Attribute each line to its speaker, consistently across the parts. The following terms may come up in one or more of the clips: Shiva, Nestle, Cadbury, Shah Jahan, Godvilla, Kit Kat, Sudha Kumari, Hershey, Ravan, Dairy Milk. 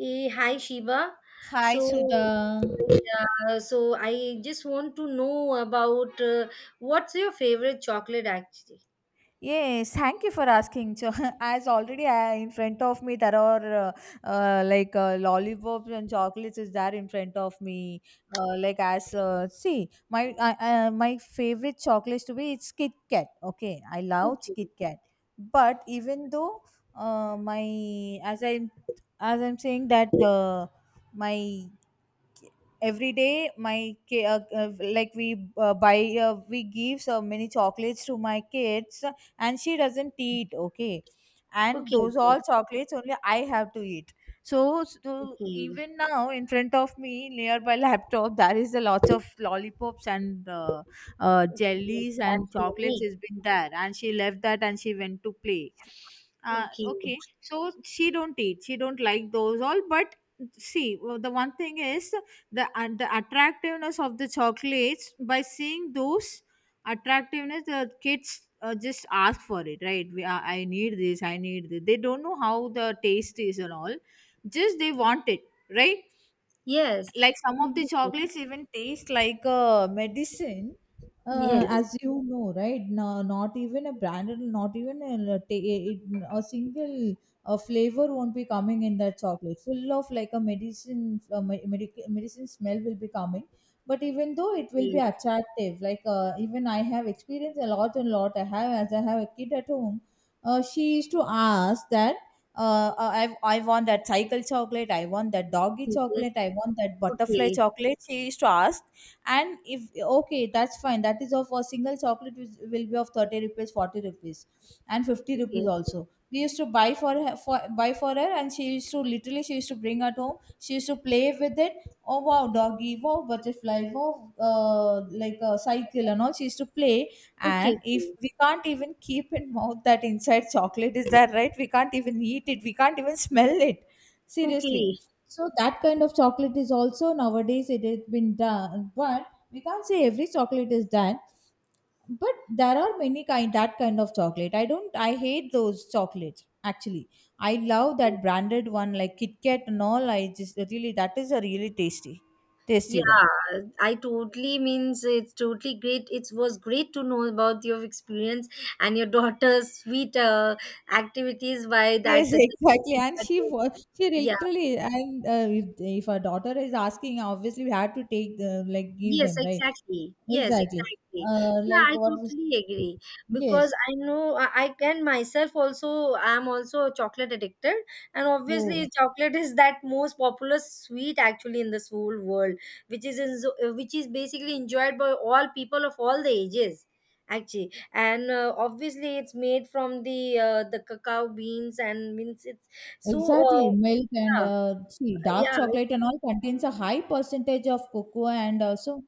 Speaker 1: Hi, Shiva.
Speaker 2: Hi,
Speaker 1: So,
Speaker 2: Sudha.
Speaker 1: yeah, so I just want to know about what's your favorite chocolate actually?
Speaker 2: Yes, thank you for asking. So, as already I, in front of me, there are lollipops and chocolates is there in front of me. Like as see, my favorite chocolates to be it's Kit Kat. Okay, I love
Speaker 1: Okay,
Speaker 2: Kit Kat. But even though my as I as I'm saying that my every day my ki- like we buy we give so many chocolates to my kids, and she doesn't eat, okay, and
Speaker 1: okay,
Speaker 2: those all chocolates only I have to eat. So, so
Speaker 1: okay, okay,
Speaker 2: even now in front of me near my laptop there is a lot of lollipops and
Speaker 1: okay.
Speaker 2: jellies and
Speaker 1: That's your
Speaker 2: chocolates
Speaker 1: name.
Speaker 2: has been there, and she left that and she went to play.
Speaker 1: Okay,
Speaker 2: Okay, so she don't eat, she don't like those all, but see, well, the one thing is the and the attractiveness of the chocolates. By seeing those attractiveness, the kids just ask for it, right? I need this, I need this. They don't know how the taste is and all, just they want it, right?
Speaker 1: yes,
Speaker 2: Like some of the
Speaker 1: obviously.
Speaker 2: chocolates even taste like a medicine.
Speaker 1: Yes,
Speaker 2: As you know, right? No, not even a branded, not even a, it, a single flavor won't be coming in that chocolate, full of like a medicine medicine smell will be coming. But even though it will be
Speaker 1: okay,
Speaker 2: attractive, like even I have experienced a lot and lot. I have, as I have a kid at home, she used to ask that I want that cycle chocolate. I want that doggy
Speaker 1: yes,
Speaker 2: chocolate. I want that butterfly
Speaker 1: okay,
Speaker 2: chocolate. She used to ask, and if okay, that's fine. That is of a single chocolate which will be of 30 rupees, 40 rupees, and 50
Speaker 1: okay,
Speaker 2: rupees also. We used to buy for her, and she used to literally, she used to bring at home. She used to play with it. Oh wow, doggy! Wow, butterfly! Wow, like a cycle and all. She used to play,
Speaker 1: okay,
Speaker 2: and if
Speaker 1: okay,
Speaker 2: we can't even keep in mouth that inside chocolate is there, right? We can't even eat it, we can't even smell it, seriously.
Speaker 1: okay.
Speaker 2: So that kind of chocolate is also nowadays it has been done, but we can't say every chocolate is done. But there are many kind, that kind of chocolate I don't, I hate those chocolates actually. I love that branded one like Kit Kat and all. I just really, that is a really tasty, tasty one.
Speaker 1: Yeah, I totally means it's totally great. It was great to know about your experience and your daughter's sweet activities by
Speaker 2: Yes,
Speaker 1: that.
Speaker 2: exactly. And she was, she
Speaker 1: Yeah.
Speaker 2: literally, and if her daughter is asking, obviously we had to take the, like, give
Speaker 1: Yes,
Speaker 2: them, right?
Speaker 1: exactly. Yes,
Speaker 2: Exactly.
Speaker 1: exactly. Yeah,
Speaker 2: Like,
Speaker 1: I
Speaker 2: what is,
Speaker 1: totally agree because
Speaker 2: yes.
Speaker 1: I know I can myself also. I'm also a chocolate addicted, and
Speaker 2: Oh,
Speaker 1: obviously, chocolate is that most popular sweet actually in this whole world, which is in, which is basically enjoyed by all people of all the ages actually, and obviously it's made from the the cacao beans, and means it's so,
Speaker 2: exactly. Milk and,
Speaker 1: yeah,
Speaker 2: see, dark
Speaker 1: yeah.
Speaker 2: chocolate and all contains a high percentage of cocoa and also,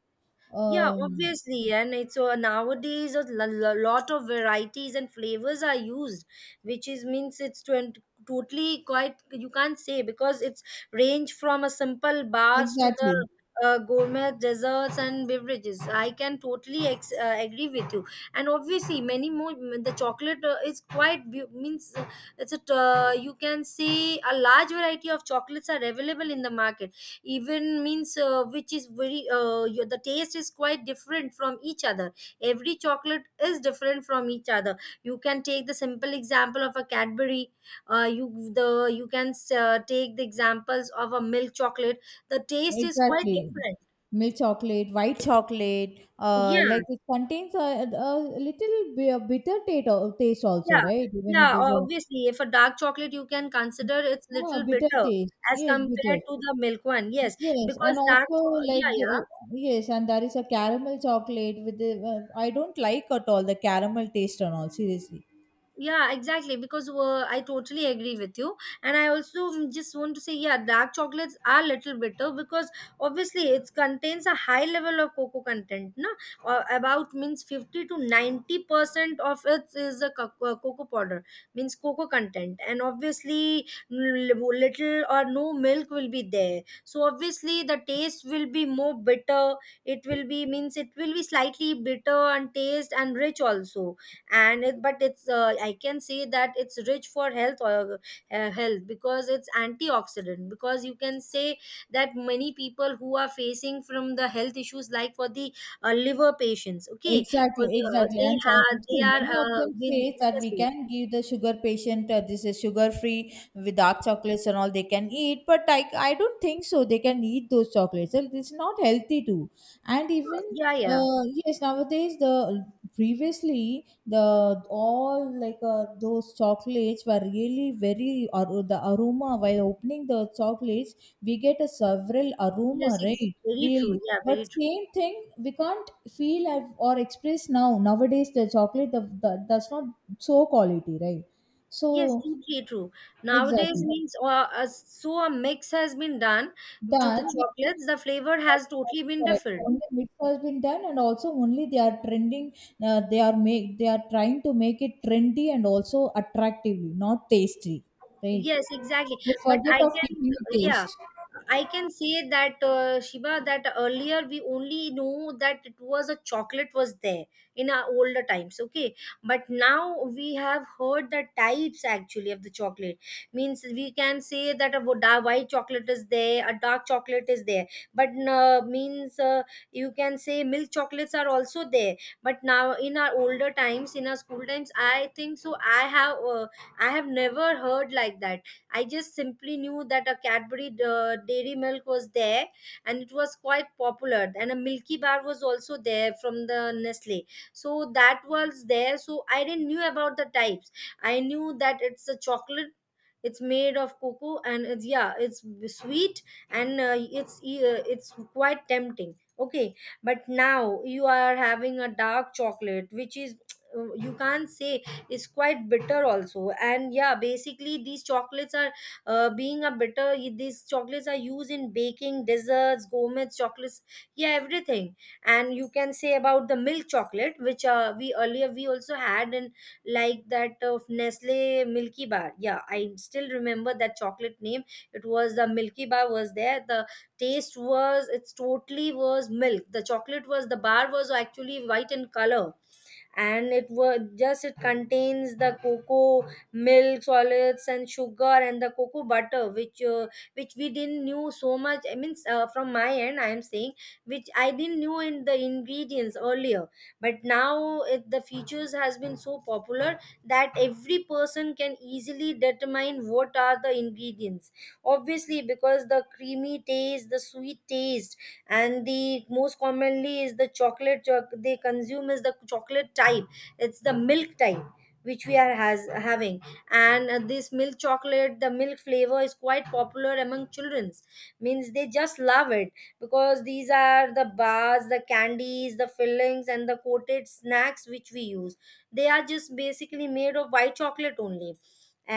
Speaker 1: Yeah,
Speaker 2: um,
Speaker 1: obviously, and it's so nowadays a lot of varieties and flavors are used, which is means it's totally quite, you can't say, because it's range from a simple bars to the
Speaker 2: exactly,
Speaker 1: gourmet desserts and beverages. I can totally agree with you, and obviously many more the chocolate is quite means, it's a you can say, a large variety of chocolates are available in the market, even means, which is very, the taste is quite different from each other. Every chocolate is different from each other. You can take the simple example of a Cadbury. You can take the examples of a milk chocolate. The taste is quite
Speaker 2: exactly.
Speaker 1: different.
Speaker 2: Milk chocolate, white chocolate,
Speaker 1: Yeah,
Speaker 2: like it contains a little bitter taste, taste also,
Speaker 1: yeah,
Speaker 2: right? Even
Speaker 1: yeah.
Speaker 2: it is a
Speaker 1: Obviously, if a dark chocolate, you can consider it's
Speaker 2: Ah,
Speaker 1: little
Speaker 2: bitter
Speaker 1: bitter
Speaker 2: taste.
Speaker 1: as
Speaker 2: Yes, bitter.
Speaker 1: compared to the milk one, yes,
Speaker 2: Yes, and
Speaker 1: because
Speaker 2: also
Speaker 1: yeah,
Speaker 2: like
Speaker 1: yeah.
Speaker 2: yes, and there is a caramel chocolate with the. I don't like at all the caramel taste and all. Seriously,
Speaker 1: Yeah, exactly, because I totally agree with you, and I also, just want to say, yeah, dark chocolates are little bitter because obviously it contains a high level of cocoa content, no, about means 50 to 90% of it is a cocoa powder, means cocoa content, and obviously little or no milk will be there, so obviously the taste will be more bitter. It will be slightly bitter and taste, and rich also. But it's, I can say that it's rich for health, or health, because it's antioxidant. Because you can say that many people who are facing from the health issues, like for the liver patients, okay, for
Speaker 2: exactly,
Speaker 1: the,
Speaker 2: exactly.
Speaker 1: they
Speaker 2: And so,
Speaker 1: have, they
Speaker 2: see,
Speaker 1: are,
Speaker 2: many of them
Speaker 1: will,
Speaker 2: say that
Speaker 1: yes,
Speaker 2: we
Speaker 1: yes.
Speaker 2: can give the sugar patient, this is sugar free with dark chocolates and all they can eat, but I don't think so. They can eat those chocolates. And it's not healthy too. And even
Speaker 1: Yeah, yeah,
Speaker 2: yes, nowadays the previously the all like those chocolates were really very or the aroma while opening the chocolates we get a several
Speaker 1: yes,
Speaker 2: aroma, right?
Speaker 1: very true,
Speaker 2: Really,
Speaker 1: yeah,
Speaker 2: but
Speaker 1: very true.
Speaker 2: same thing we can't feel I've, or express now. Nowadays the chocolate the, that's not so quality, right?
Speaker 1: Yes,
Speaker 2: So
Speaker 1: totally true. Nowadays,
Speaker 2: exactly
Speaker 1: means, so a mix has been done to the
Speaker 2: done,
Speaker 1: chocolates. The flavor has totally been
Speaker 2: correct,
Speaker 1: different.
Speaker 2: only mix has been done, and also only they are trending. They are make, they are trying to make it trendy and also attractively, not tasty, right?
Speaker 1: Yes, exactly.
Speaker 2: They
Speaker 1: But
Speaker 2: forget of keeping the
Speaker 1: yeah,
Speaker 2: taste.
Speaker 1: I can say that, Shiva, that earlier we only know that it was a chocolate was there in our older times, okay? But now we have heard the types actually of the chocolate. Means we can say that a white chocolate is there, a dark chocolate is there. But means, you can say milk chocolates are also there. But now in our older times, in our school times, I think so. I have never heard like that. I just simply knew that a Cadbury Dairy Milk was there, and it was quite popular. And a Milky Bar was also there from the Nestle, so that was there. So I didn't knew about the types. I knew that it's a chocolate. It's made of cocoa, and it's, yeah, it's sweet, and it's quite tempting. Okay, but now you are having a dark chocolate, which is you can't say, is quite bitter also. And yeah, basically these chocolates are, being a bitter, these chocolates are used in baking desserts, gourmet chocolates, yeah, everything. And you can say about the milk chocolate, which, we earlier, we also had, and like that of Nestle Milky Bar. Yeah, I still remember that chocolate name. It was the Milky Bar was there. The taste was, it's totally was milk. The chocolate was, the bar was actually white in color, and it was just, it contains the cocoa, milk solids, and sugar, and the cocoa butter, which we didn't knew so much. I mean, from my end I am saying, which I didn't knew in the ingredients earlier. But now the features has been so popular that every person can easily determine what are the ingredients, obviously, because the creamy taste, the sweet taste, and the most commonly is the chocolate they consume is the chocolate type. It's the milk type which we are has having. And this milk chocolate, the milk flavor, is quite popular among childrens. Means they just love it, because these are the bars, the candies, the fillings, and the coated snacks which we use, they are just basically made of white chocolate only,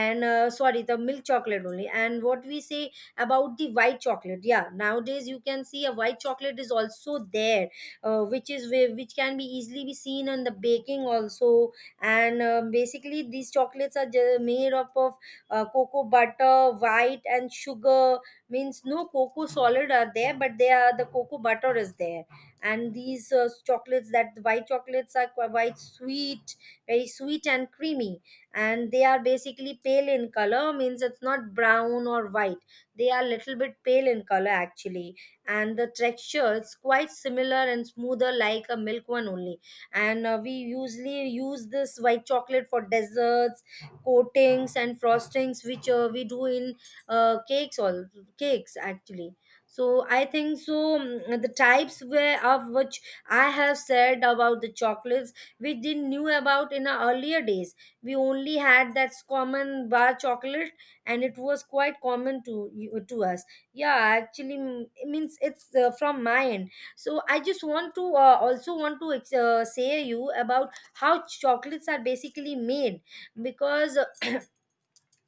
Speaker 1: and sorry, the milk chocolate only. And what we say about the white chocolate? Yeah, nowadays you can see a white chocolate is also there, which is which can be easily be seen on the baking also. And basically these chocolates are made up of cocoa butter, white, and sugar. Means no cocoa solid are there, but the cocoa butter is there. And these chocolates, that the white chocolates, are quite sweet, very sweet and creamy, and they are basically pale in color. Means it's not brown or white, they are little bit pale in color actually, and the texture is quite similar and smoother, like a milk one only. And we usually use this white chocolate for desserts, coatings, and frostings, which, we do in uh, cakes all cakes actually. So I think so, the types where of which I have said about the chocolates, we didn't knew about in our earlier days. We only had that common bar chocolate, and it was quite common to to us, yeah, actually. It means it's, from my end, so I just want to, also want to say you about how chocolates are basically made, because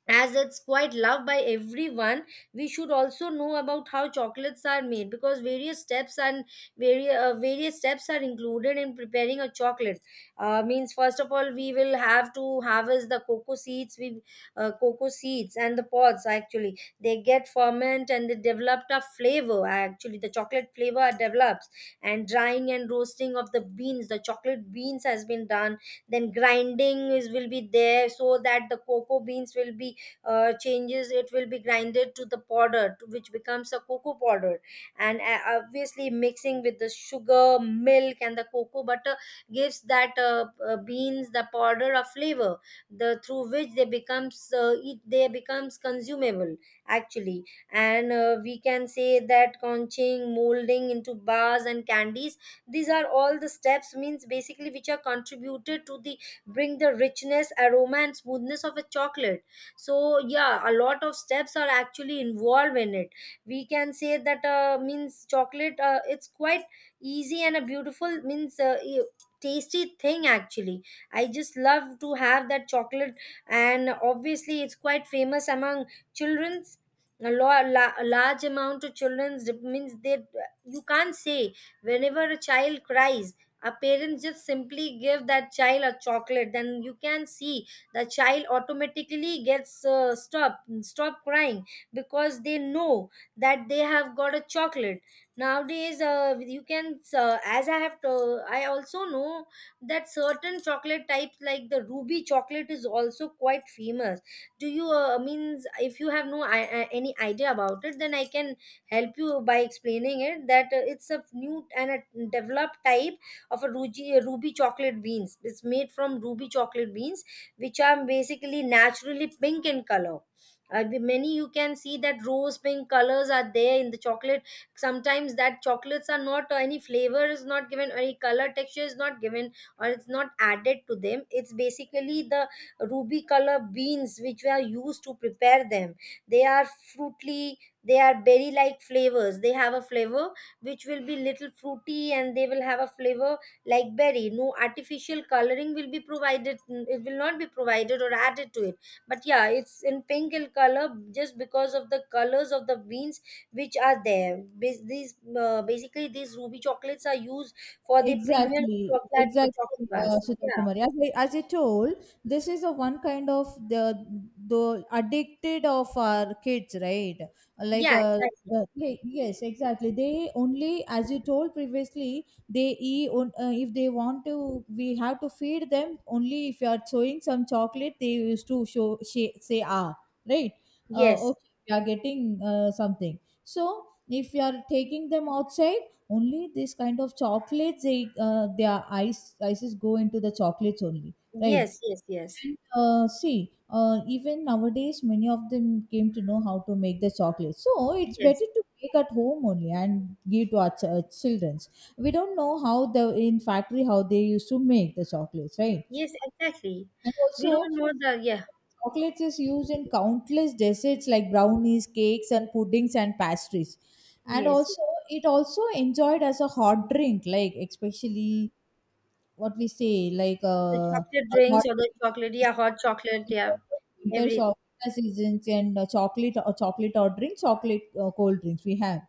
Speaker 1: as it's quite loved by everyone, we should also know about how chocolates are made, because various steps, and various steps are included in preparing a chocolate. Means, first of all, we will have to harvest the cocoa seeds. We, cocoa seeds and the pods, actually they get ferment, and they develop a flavor, actually the chocolate flavor develops, and drying and roasting of the beans, the chocolate beans, has been done. Then grinding is, will be there, so that the cocoa beans will be, changes, it will be grinded to the powder, which becomes a cocoa powder. And obviously mixing with the sugar, milk, and the cocoa butter gives that, beans, the powder of flavor, the through which they becomes, they becomes consumable actually. And we can say that conching, molding into bars and candies, these are all the steps, means basically, which are contributed to the bring the richness, aroma, and smoothness of a chocolate. So yeah, a lot of steps are actually involved in it. We can say that, means chocolate, it's quite easy and a beautiful, means, tasty thing actually. I just love to have that chocolate, and obviously it's quite famous among children's. A large amount of children's, means they, you can't say, whenever a child cries, a parent just simply give that child a chocolate, then you can see the child automatically gets, stop crying, because they know that they have got a chocolate. Nowadays, you can, as I have to I also know that certain chocolate types, like the ruby chocolate, is also quite famous. Do you, means, if you have no any idea about it, then I can help you by explaining it that, it's a new and a developed type of a ruby chocolate beans. It's made from ruby chocolate beans, which are basically naturally pink in color. Many you can see that rose pink colors are there in the chocolate. Sometimes that chocolates are not, or any flavor is not given, or any color texture is not given, or it's not added to them. It's basically the ruby color beans which were used to prepare them. They are fruity, they are berry like flavors. They have a flavor which will be little fruity, and they will have a flavor like berry. No artificial coloring will be provided. It will not be provided or added to it, but yeah, it's in pink in color just because of the colors of the beans which are there. These basically these ruby chocolates are used for the premium
Speaker 2: Exactly,
Speaker 1: chocolate chocolate
Speaker 2: exactly,
Speaker 1: bars.
Speaker 2: Sudha
Speaker 1: Yeah,
Speaker 2: Kumari. As I told, this is a one kind of the addicted of our kids, right? Like,
Speaker 1: yeah,
Speaker 2: uh,
Speaker 1: exactly.
Speaker 2: like yes, exactly. They only, as you told previously, they eat on, if they want to. We have to feed them only if you are showing some chocolate. They used to show say, say ah, right?
Speaker 1: Yes,
Speaker 2: Okay, we are getting something. So if you are taking them outside only this kind of chocolates, they their ice ices go into the chocolates only,
Speaker 1: yes,
Speaker 2: right?
Speaker 1: yes, yes,
Speaker 2: And see, even nowadays, many of them came to know how to make the chocolate. So it's
Speaker 1: yes,
Speaker 2: better to make at home only and give to our childrens. We don't know how the in factory how they used to make the chocolates, right?
Speaker 1: yes, exactly.
Speaker 2: And
Speaker 1: We
Speaker 2: also,
Speaker 1: don't know the, yeah.
Speaker 2: chocolates is used in countless desserts like brownies, cakes, and puddings and pastries. And
Speaker 1: Yes,
Speaker 2: also, it also enjoyed as a hot drink, like especially what we say, like
Speaker 1: the chocolate
Speaker 2: a hot
Speaker 1: drinks or the
Speaker 2: drink
Speaker 1: chocolate,
Speaker 2: is
Speaker 1: yeah, hot chocolate,
Speaker 2: in the
Speaker 1: yeah.
Speaker 2: winter,
Speaker 1: Everything.
Speaker 2: so winter seasons and chocolate or chocolate or drink, chocolate cold drinks we have.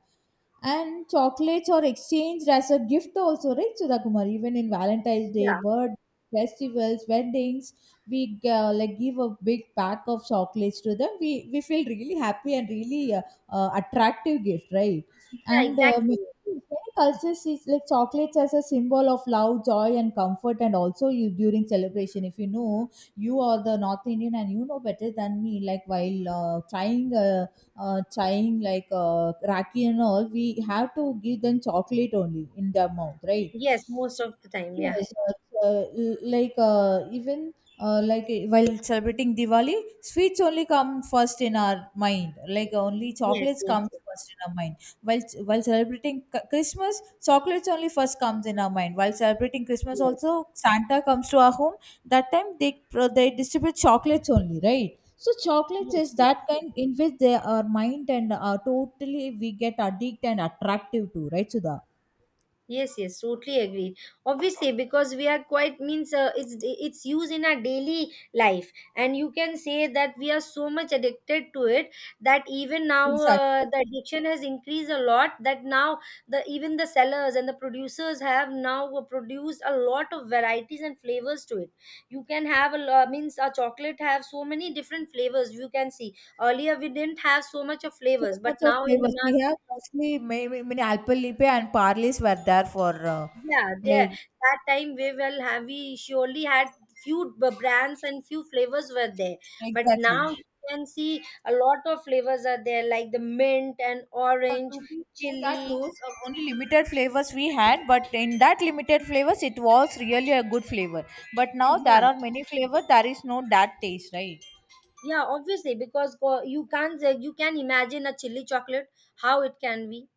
Speaker 2: And chocolates are exchanged as a gift also, right, Sudha Kumar? Even in Valentine's Day,
Speaker 1: Yeah.
Speaker 2: birth, festivals, weddings, we like give a big pack of chocolates to them. We feel really happy and really attractive gift, right?
Speaker 1: Yeah,
Speaker 2: And
Speaker 1: exactly.
Speaker 2: in many cultures it's like chocolates as a symbol of love, joy, and comfort, and also you during celebration. If you know you are the North Indian and you know better than me, like while trying. Trying like raki and all, we have to give them chocolate only in their mouth, right?
Speaker 1: Yes, most of the time. Yeah.
Speaker 2: Yes, even while celebrating Diwali, sweets only come first in our mind. Like only
Speaker 1: Yes,
Speaker 2: chocolates
Speaker 1: yes,
Speaker 2: comes
Speaker 1: yes,
Speaker 2: first in our mind. While celebrating Christmas, chocolates only first comes in our mind. While celebrating Christmas,
Speaker 1: yes,
Speaker 2: also Santa comes to our home. That time they they distribute chocolates only, right? So chocolates
Speaker 1: yes,
Speaker 2: is
Speaker 1: yes.
Speaker 2: that kind in which they our mind and are totally we get addicted and attractive to, right, Sudha?
Speaker 1: Yes, yes, totally agreed. Obviously, because we are quite means it's used in our daily life, and you can say that we are so much addicted to it that even now
Speaker 2: Exactly.
Speaker 1: the addiction has increased a lot. That now the even the sellers and the producers have now produced a lot of varieties and flavors to it. You can have a means a chocolate have so many different flavors. You can see earlier we didn't have so much of
Speaker 2: So
Speaker 1: flavors, but
Speaker 2: much of
Speaker 1: now in
Speaker 2: flavors.
Speaker 1: the
Speaker 2: We
Speaker 1: market.
Speaker 2: have mostly many, many alpalipe and parleys were there for
Speaker 1: Yeah, there
Speaker 2: like
Speaker 1: that time we will have, we surely had few brands and few flavors were there, but
Speaker 2: exactly.
Speaker 1: now you can see a lot of flavors are there, like the mint and orange,
Speaker 2: To be true that
Speaker 1: chili.
Speaker 2: those are only limited flavors we had, but in that limited flavors, it was really a good flavor. But now
Speaker 1: Yeah,
Speaker 2: there are many flavors. There is no that taste, right?
Speaker 1: yeah, obviously, because you can't say, you can imagine a chili chocolate, how it can be.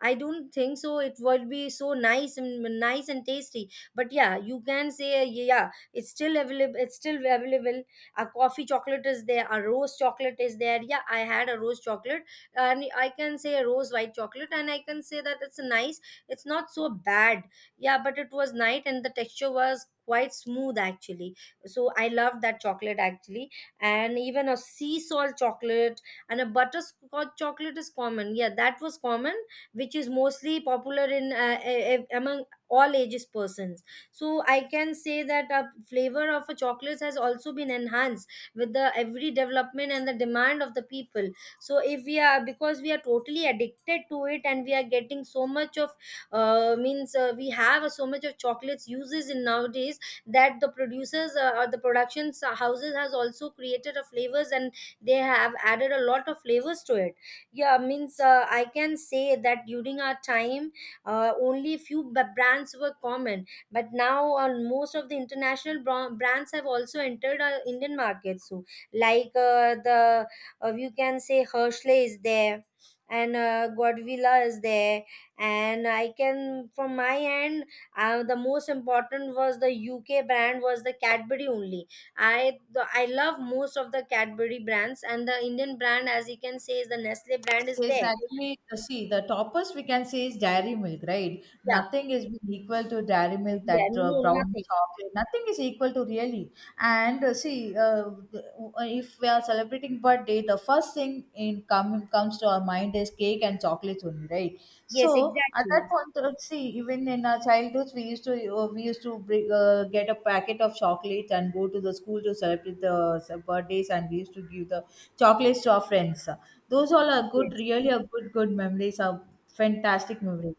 Speaker 1: I don't think so. It would be so nice and nice and tasty. But yeah, you can say, yeah, it's still available. It's still available. A coffee chocolate is there. A rose chocolate is there. Yeah, I had a rose chocolate, and I can say a rose white chocolate, and I can say that it's nice. It's not so bad. Yeah, but it was nice, and the texture was quite smooth actually. So I loved that chocolate actually, and even a sea salt chocolate and a butterscotch chocolate is common, yeah, that was common, which is mostly popular in among all ages persons. So I can say that a flavor of a chocolate has also been enhanced with the every development and the demand of the people. So if we are, because we are totally addicted to it, and we are getting so much of, means we have so much of chocolates uses in nowadays, that the producers or the production houses has also created a flavors and they have added a lot of flavors to it. Yeah, means I can say that during our time, only few brands were common, but now, most of the international brands have also entered our Indian market. So, like, the, you can say Hershey is there, and Godvilla is there. And I can, from my end, the most important was the UK brand was the Cadbury only. I love most of the Cadbury brands, and the Indian brand, as you can say, is the Nestle brand is
Speaker 2: Yes,
Speaker 1: there.
Speaker 2: actually, see, the toppers we can say is dairy milk, right?
Speaker 1: Yeah,
Speaker 2: Nothing is equal to dairy milk,
Speaker 1: yeah,
Speaker 2: that
Speaker 1: no,
Speaker 2: brown
Speaker 1: nothing.
Speaker 2: chocolate, nothing is equal to really. And see, if we are celebrating birthday, the first thing in come comes to our mind is cake and chocolates only, right?
Speaker 1: Yes,
Speaker 2: So at that
Speaker 1: exactly.
Speaker 2: point, see, even in our childhoods, we used to bring, get a packet of chocolates and go to the school to celebrate the birthdays, and we used to give the chocolates to our friends. Those all are good,
Speaker 1: Yes.
Speaker 2: really are good, good memories. Are fantastic memories.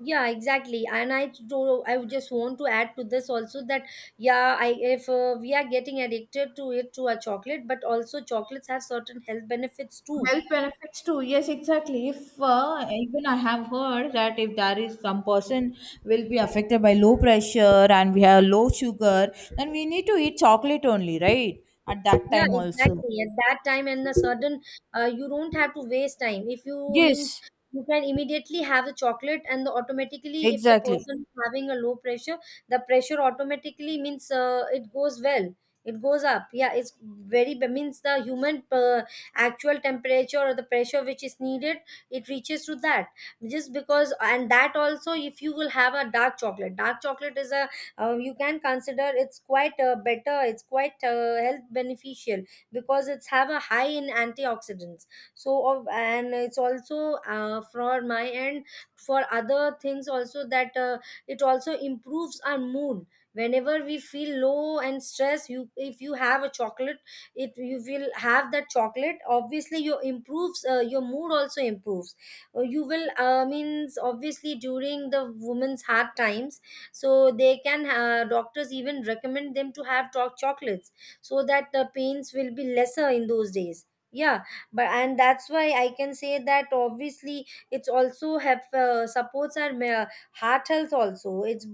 Speaker 1: Yeah, exactly. And I would just want to add to this also that, yeah, I, if we are getting addicted to it, to a chocolate, but also chocolates have certain health benefits too.
Speaker 2: Health benefits too. Yes, exactly. If even I have heard that if there is some person will be affected by low pressure and we have low sugar, then we need to eat chocolate only, right? At that
Speaker 1: Yeah,
Speaker 2: time also.
Speaker 1: exactly. At that time, and a certain, you don't have to waste time. If you means
Speaker 2: Yes,
Speaker 1: you can immediately have the chocolate, and the automatically, if the
Speaker 2: Exactly.
Speaker 1: person is having a low pressure, the pressure automatically means it goes well. It goes up. Yeah, it's very means the human actual temperature or the pressure which is needed, it reaches to that. Just because, and that also, if you will have a dark chocolate is a, you can consider it's quite better, it's quite health beneficial, because it's have a high in antioxidants. So of, and it's also for my end, for other things also, that it also improves our mood. Whenever we feel low and stress, you, if you have a chocolate, it, you will have that chocolate, obviously your improves, your mood also improves. You will means obviously during the woman's hard times, so they can doctors even recommend them to have dark chocolates, so that the pains will be lesser in those days, yeah. But, and that's why I can say that obviously it's also have supports our heart health also. It's,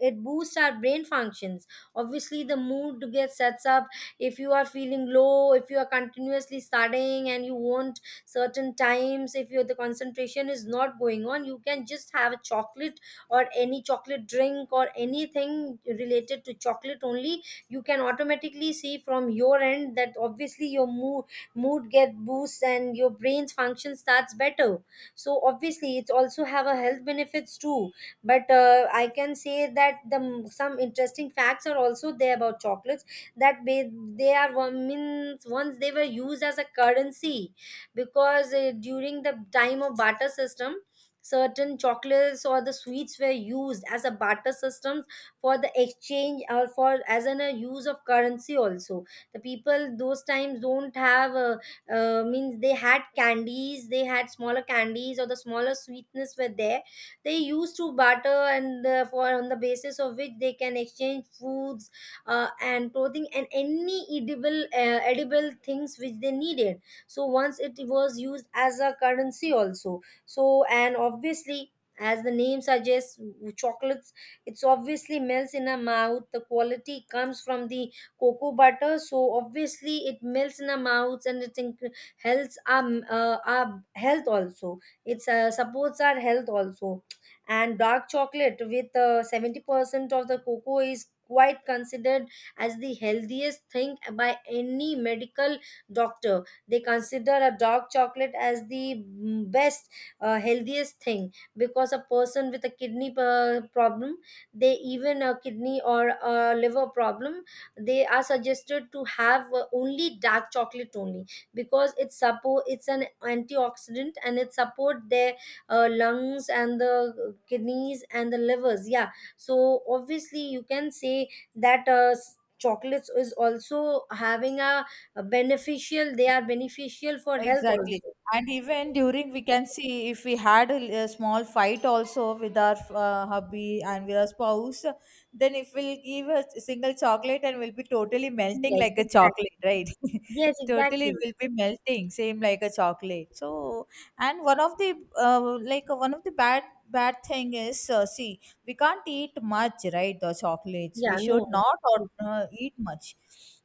Speaker 1: it boosts our brain functions. Obviously the mood gets sets up. If you are feeling low, if you are continuously studying and you want certain times, if your the concentration is not going on, you can just have a chocolate or any chocolate drink or anything related to chocolate only. You can automatically see from your end that obviously your mood get boosts and your brain's function starts better. So obviously it's also have a health benefits too. But I can say that the some interesting facts are also there about chocolates, that they are one means once they were used as a currency, because during the time of barter system, certain chocolates or the sweets were used as a barter systems for the exchange, or for as an a use of currency also. The people those times don't have, means they had candies, they had smaller candies, or the smaller sweetness were there. They used to barter, and for on the basis of which they can exchange foods and clothing and any edible edible things which they needed. So once it was used as a currency also. So, and obviously, as the name suggests, chocolates, it's obviously melts in our mouth. The quality comes from the cocoa butter, so obviously it melts in our mouths, and it helps our health also, it supports our health also. And dark chocolate with 70% of the cocoa is quite considered as the healthiest thing by any medical doctor. They consider a dark chocolate as the best healthiest thing, because a person with a kidney problem, they, even a kidney or a liver problem, they are suggested to have only dark chocolate only, because it's support, it's an antioxidant, and it support their lungs and the kidneys and the livers, yeah. So obviously you can say that chocolates is also having a beneficial, they are beneficial for health
Speaker 2: Exactly.
Speaker 1: also.
Speaker 2: And even during, we can see if we had a small fight also with our hubby and with our spouse, then if we'll give a single chocolate and we'll be totally melting
Speaker 1: Yes,
Speaker 2: like a
Speaker 1: exactly.
Speaker 2: chocolate, right?
Speaker 1: Yes,
Speaker 2: Totally
Speaker 1: exactly.
Speaker 2: will be melting, same like a chocolate. So, and one of the one of the bad thing is see we can't eat much, right? The chocolates we
Speaker 1: Yeah,
Speaker 2: should
Speaker 1: no.
Speaker 2: not eat much.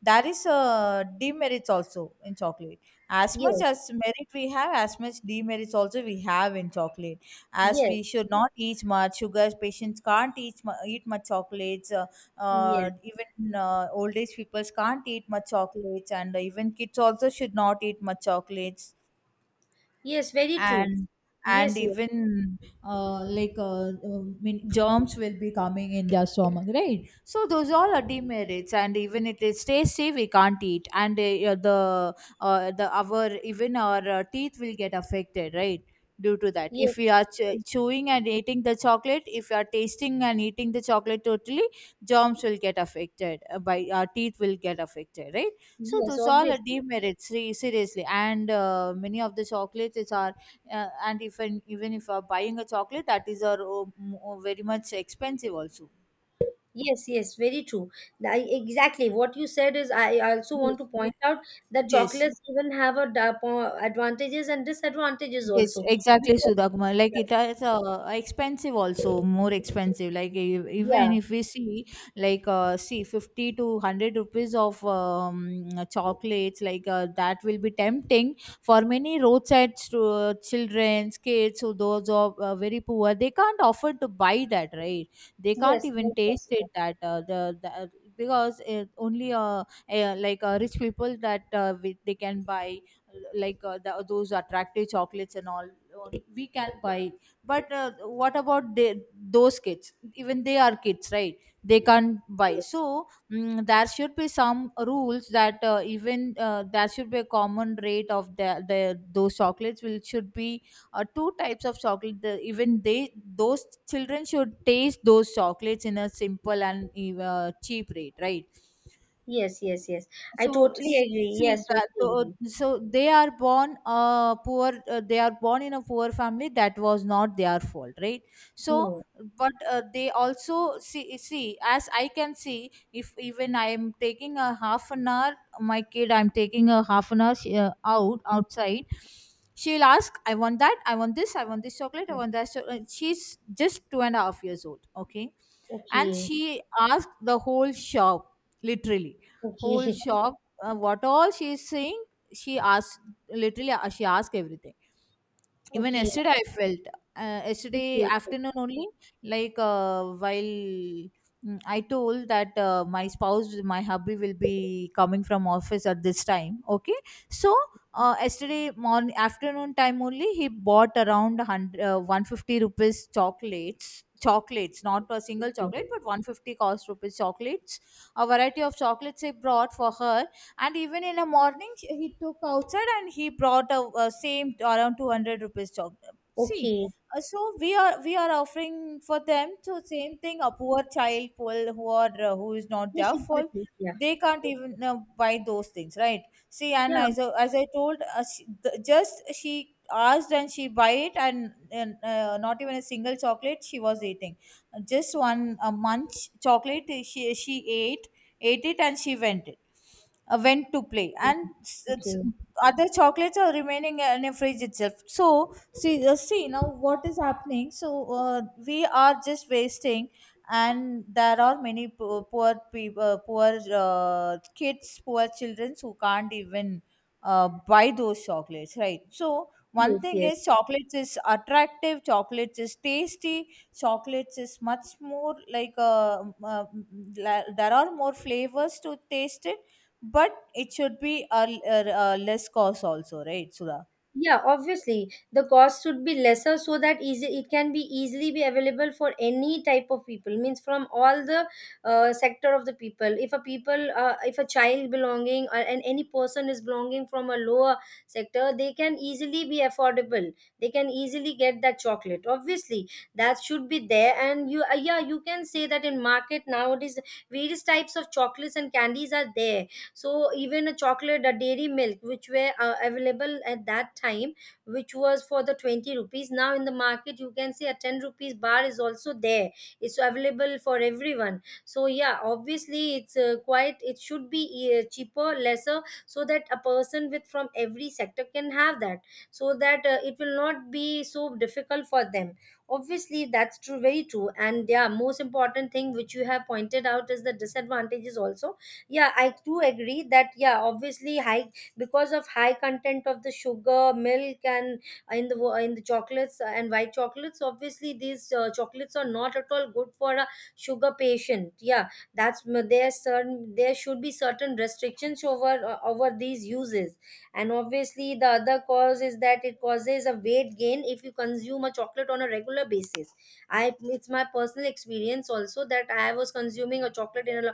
Speaker 2: That is demerits also in chocolate. As much
Speaker 1: Yes,
Speaker 2: as merit we have, as much demerits also we have in chocolate. As
Speaker 1: yes,
Speaker 2: we should not eat much sugar, patients can't eat, eat much chocolates.
Speaker 1: yes.
Speaker 2: Even old age people can't eat much chocolates, and even kids also should not eat much chocolates
Speaker 1: Yes, very true.
Speaker 2: and and
Speaker 1: Yes, yes,
Speaker 2: even mean germs will be coming in their stomach, right? So those all are demerits, and even it is tasty we can't eat. And yeah, the our, even our teeth will get affected, right? Due to that,
Speaker 1: yes,
Speaker 2: if we are chewing and eating the chocolate, if we are tasting and eating the chocolate totally germs will get affected, by our teeth will get affected, right? So
Speaker 1: yes,
Speaker 2: those all are
Speaker 1: obviously.
Speaker 2: demerits, seriously. And many of the chocolates are and if and even if buying a chocolate, that is our very much expensive also.
Speaker 1: Yes, yes, very true. I, exactly what you said is I also want
Speaker 2: Yes.
Speaker 1: to point out that
Speaker 2: Yes.
Speaker 1: chocolates even have a advantages and disadvantages
Speaker 2: Yes,
Speaker 1: also.
Speaker 2: exactly,
Speaker 1: Because,
Speaker 2: Sudhakma. Like it is expensive also, more expensive. Like
Speaker 1: yeah,
Speaker 2: even if we see, see, 50 to 100 rupees of chocolates, that will be tempting for many roadside children, kids, who those are very poor. They can't afford to buy that, right? They can't
Speaker 1: yes,
Speaker 2: even
Speaker 1: no
Speaker 2: taste
Speaker 1: possible.
Speaker 2: it. That the because it only rich people that they can buy, those attractive chocolates and all we can buy. But what about they, those kids, even they are kids, right? They can't buy.
Speaker 1: Yes,
Speaker 2: So there should be some rules that even there should be a common rate of the those chocolates will should be two types of chocolate. Even they, those children should taste those chocolates in a simple and cheap rate, right?
Speaker 1: yes, yes, yes. I
Speaker 2: so
Speaker 1: totally
Speaker 2: s-
Speaker 1: agree.
Speaker 2: see
Speaker 1: Yes,
Speaker 2: that
Speaker 1: totally agree.
Speaker 2: so they are born, poor, they are born in a poor family, that was not their fault, right? So
Speaker 1: No.
Speaker 2: but they also, see, as I can see, if even I am taking a half an hour, my kid, I'm taking a half an hour out outside, she'll ask, I want that, I want this, I want this chocolate, I want that. So she's just two and a half years old, okay. And
Speaker 1: Okay,
Speaker 2: she asked the whole shop, literally,
Speaker 1: okay,
Speaker 2: whole shop, what all she is saying, she asked, literally, she asked everything. Even
Speaker 1: okay,
Speaker 2: yesterday I felt, yesterday
Speaker 1: okay, okay.
Speaker 2: afternoon only, while, I told that my spouse, my hubby will be coming from office at this time, okay. So yesterday morning afternoon time only, he bought around 100, 150 rupees chocolates, chocolates, not a single
Speaker 1: Okay.
Speaker 2: chocolate but 150 cost rupees chocolates, a variety of chocolates I brought for her. And even in the morning, he took outside and he brought a same around 200 rupees chocolate, see.
Speaker 1: Okay.
Speaker 2: So we are offering for them to same thing, a poor child, poor, who are who is not
Speaker 1: Yes,
Speaker 2: their fault,
Speaker 1: exactly. Yeah.
Speaker 2: they can't even buy those things, right? See. And
Speaker 1: Yeah.
Speaker 2: as I told, she, the, just she asked and she buy it, and not even a single chocolate she was eating, just one a munch chocolate she ate, ate it, and she went it, went to play.
Speaker 1: Okay.
Speaker 2: And
Speaker 1: Okay.
Speaker 2: other chocolates are remaining in a fridge itself. So see, see now what is happening. So we are just wasting, and there are many poor people, poor kids, poor children, who can't even buy those chocolates, right? So one
Speaker 1: Yes,
Speaker 2: thing
Speaker 1: yes.
Speaker 2: is, chocolates is attractive, chocolates is tasty, chocolates is much more like there are more flavors to taste it. But it should be a a less cost also, right, Sudha?
Speaker 1: Yeah, obviously the cost should be lesser, so that easy it can be easily be available for any type of people. Means from all the sector of the people. If a people, if a child belonging or and any person is belonging from a lower sector, they can easily be affordable. They can easily get that chocolate. Obviously, that should be there. And you, yeah, you can say that in market nowadays various types of chocolates and candies are there. So even a chocolate, a dairy milk which were available at that time, which was for the 20 rupees, now in the market you can see a 10 rupees bar is also there. It's available for everyone. So yeah, obviously it's quite, it should be cheaper, lesser, so that a person with from every sector can have that, so that it will not be so difficult for them. Obviously that's true, very true. And yeah, most important thing which you have pointed out is the disadvantages also. Yeah, I do agree that yeah, obviously high, because of high content of the sugar, milk, and in the in the chocolates and white chocolates, obviously these chocolates are not at all good for a sugar patient, yeah. That's there are certain, there should be certain restrictions over over these uses. And obviously the other cause is that it causes a weight gain if you consume a chocolate on a regular basis. I, it's my personal experience also, that I was consuming a chocolate in a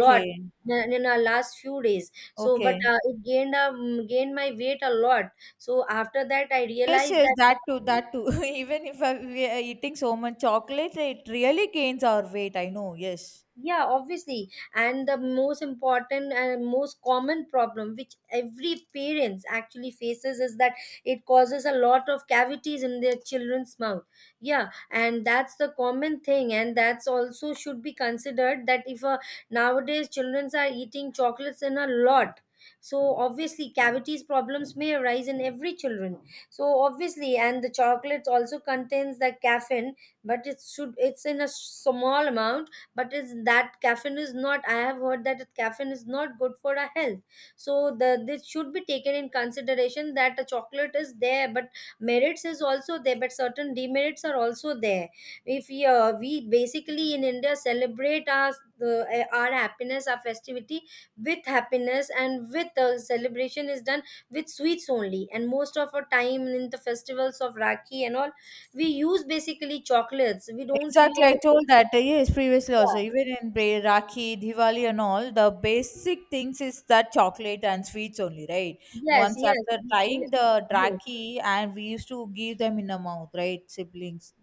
Speaker 1: lot, the- in our last few days, so but
Speaker 2: okay.
Speaker 1: it gained, gained my weight a lot. So after that I
Speaker 2: Yes,
Speaker 1: realized
Speaker 2: yes,
Speaker 1: that.
Speaker 2: that too, that too. Even if we are eating so much chocolate, it really gains our weight. I know, yes.
Speaker 1: Yeah, obviously, and the most important and most common problem which every parents actually faces is that it causes a lot of cavities in their children's mouth. Yeah, and that's the common thing, and that's also should be considered that if nowadays childrens are eating chocolates in a lot, so obviously cavities problems may arise in every children. So obviously, and the chocolates also contains the caffeine, but it should, it's in a small amount, but is that caffeine is not, I have heard that caffeine is not good for our health. So the this should be taken in consideration, that a chocolate is there, but merits is also there, but certain demerits are also there. If we, we basically in India celebrate our the, our happiness, our festivity with happiness, and with the celebration is done with sweets only, and most of our time in the festivals of Rakhi and all, we use basically chocolates, we don't
Speaker 2: Exactly, I
Speaker 1: use.
Speaker 2: told that yes previously also.
Speaker 1: Yeah.
Speaker 2: Even in Rakhi, Diwali, and all, the basic things is that chocolate and sweets only, right?
Speaker 1: Yes,
Speaker 2: Once
Speaker 1: yes,
Speaker 2: after
Speaker 1: this.
Speaker 2: trying the
Speaker 1: Yes.
Speaker 2: Rakhi, and we used to give them in the mouth, right? Siblings,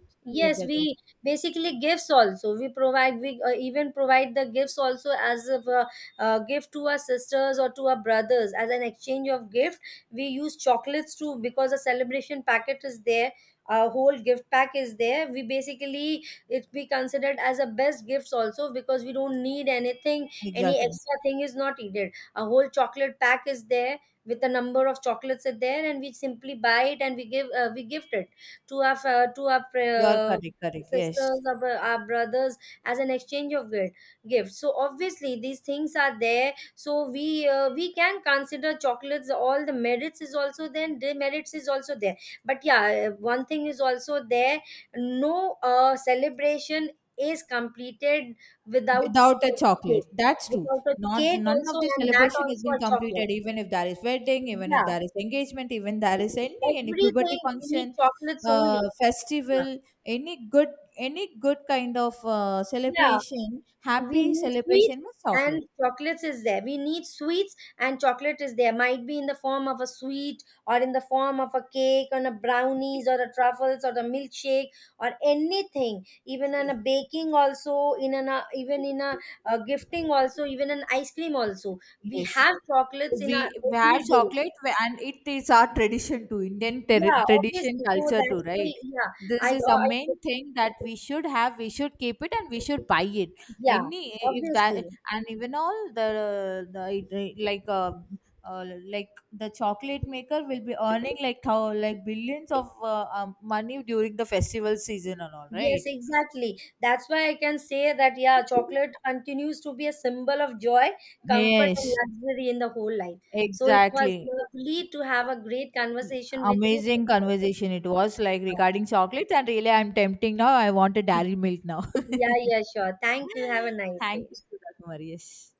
Speaker 2: your
Speaker 1: Yes,
Speaker 2: brothers.
Speaker 1: we basically gifts also. We provide, we even provide the gifts also as a, gift to our sisters or to our brothers as an exchange of gift. We use chocolates too, because a celebration packet is there. A whole gift pack is there. We basically it be considered as a best gifts also, because we don't need anything. Any
Speaker 2: Exactly.
Speaker 1: extra thing is not needed. A whole chocolate pack is there with a number of chocolates are there, and we simply buy it and we give, we gift it to our
Speaker 2: You are correct, correct. Yes.
Speaker 1: sisters, our, our brothers as an exchange of gifts. So obviously these things are there, so we can consider chocolates, all the merits is also there and demerits is also there. But yeah, one thing is also there. No celebration is completed without
Speaker 2: Without a
Speaker 1: cake,
Speaker 2: chocolate, that's true.
Speaker 1: without a
Speaker 2: Not,
Speaker 1: cake
Speaker 2: none
Speaker 1: also,
Speaker 2: of the
Speaker 1: and that
Speaker 2: celebration has
Speaker 1: also
Speaker 2: been
Speaker 1: a chocolate.
Speaker 2: completed, even if there is wedding, even if
Speaker 1: Yeah,
Speaker 2: there is engagement, even there is any puberty
Speaker 1: everything, we need
Speaker 2: function.
Speaker 1: chocolates only. Yeah.
Speaker 2: Festival. Any good, any good kind of
Speaker 1: Yeah,
Speaker 2: celebration,
Speaker 1: we
Speaker 2: happy
Speaker 1: need sweets
Speaker 2: celebration with chocolate.
Speaker 1: and chocolates is there, we need sweets and chocolate is there, might be in the form of a sweet or in the form of a cake on a brownies or a truffles or a milkshake or anything, even in a baking also, in an even in a gifting also, even an ice cream also, we
Speaker 2: Yes.
Speaker 1: have chocolates in our
Speaker 2: We have
Speaker 1: everyday.
Speaker 2: chocolate, and it is our tradition too, Indian
Speaker 1: Yeah,
Speaker 2: tradition,
Speaker 1: obviously, so
Speaker 2: culture too,
Speaker 1: that's why
Speaker 2: right?
Speaker 1: yeah,
Speaker 2: This is a
Speaker 1: I,
Speaker 2: main thing, that we should have, we should keep it, and we should buy it.
Speaker 1: yeah,
Speaker 2: Any, if that,
Speaker 1: obviously.
Speaker 2: and even all the uh, like the chocolate maker will be earning like like billions of money during the festival season and all,
Speaker 1: Yes,
Speaker 2: right?
Speaker 1: exactly. That's why I can say that, yeah, chocolate continues to be a symbol of joy, comfort, and
Speaker 2: Yes.
Speaker 1: luxury in the whole life. So it was
Speaker 2: Exactly.
Speaker 1: lovely to have a great conversation with you.
Speaker 2: Amazing conversation it was, like regarding chocolates, and really, I'm tempting now. I want a dairy milk now.
Speaker 1: Yeah, yeah, sure. Thank you. Have a nice
Speaker 2: Thank
Speaker 1: day.
Speaker 2: you, Sudha Kumar. Yes.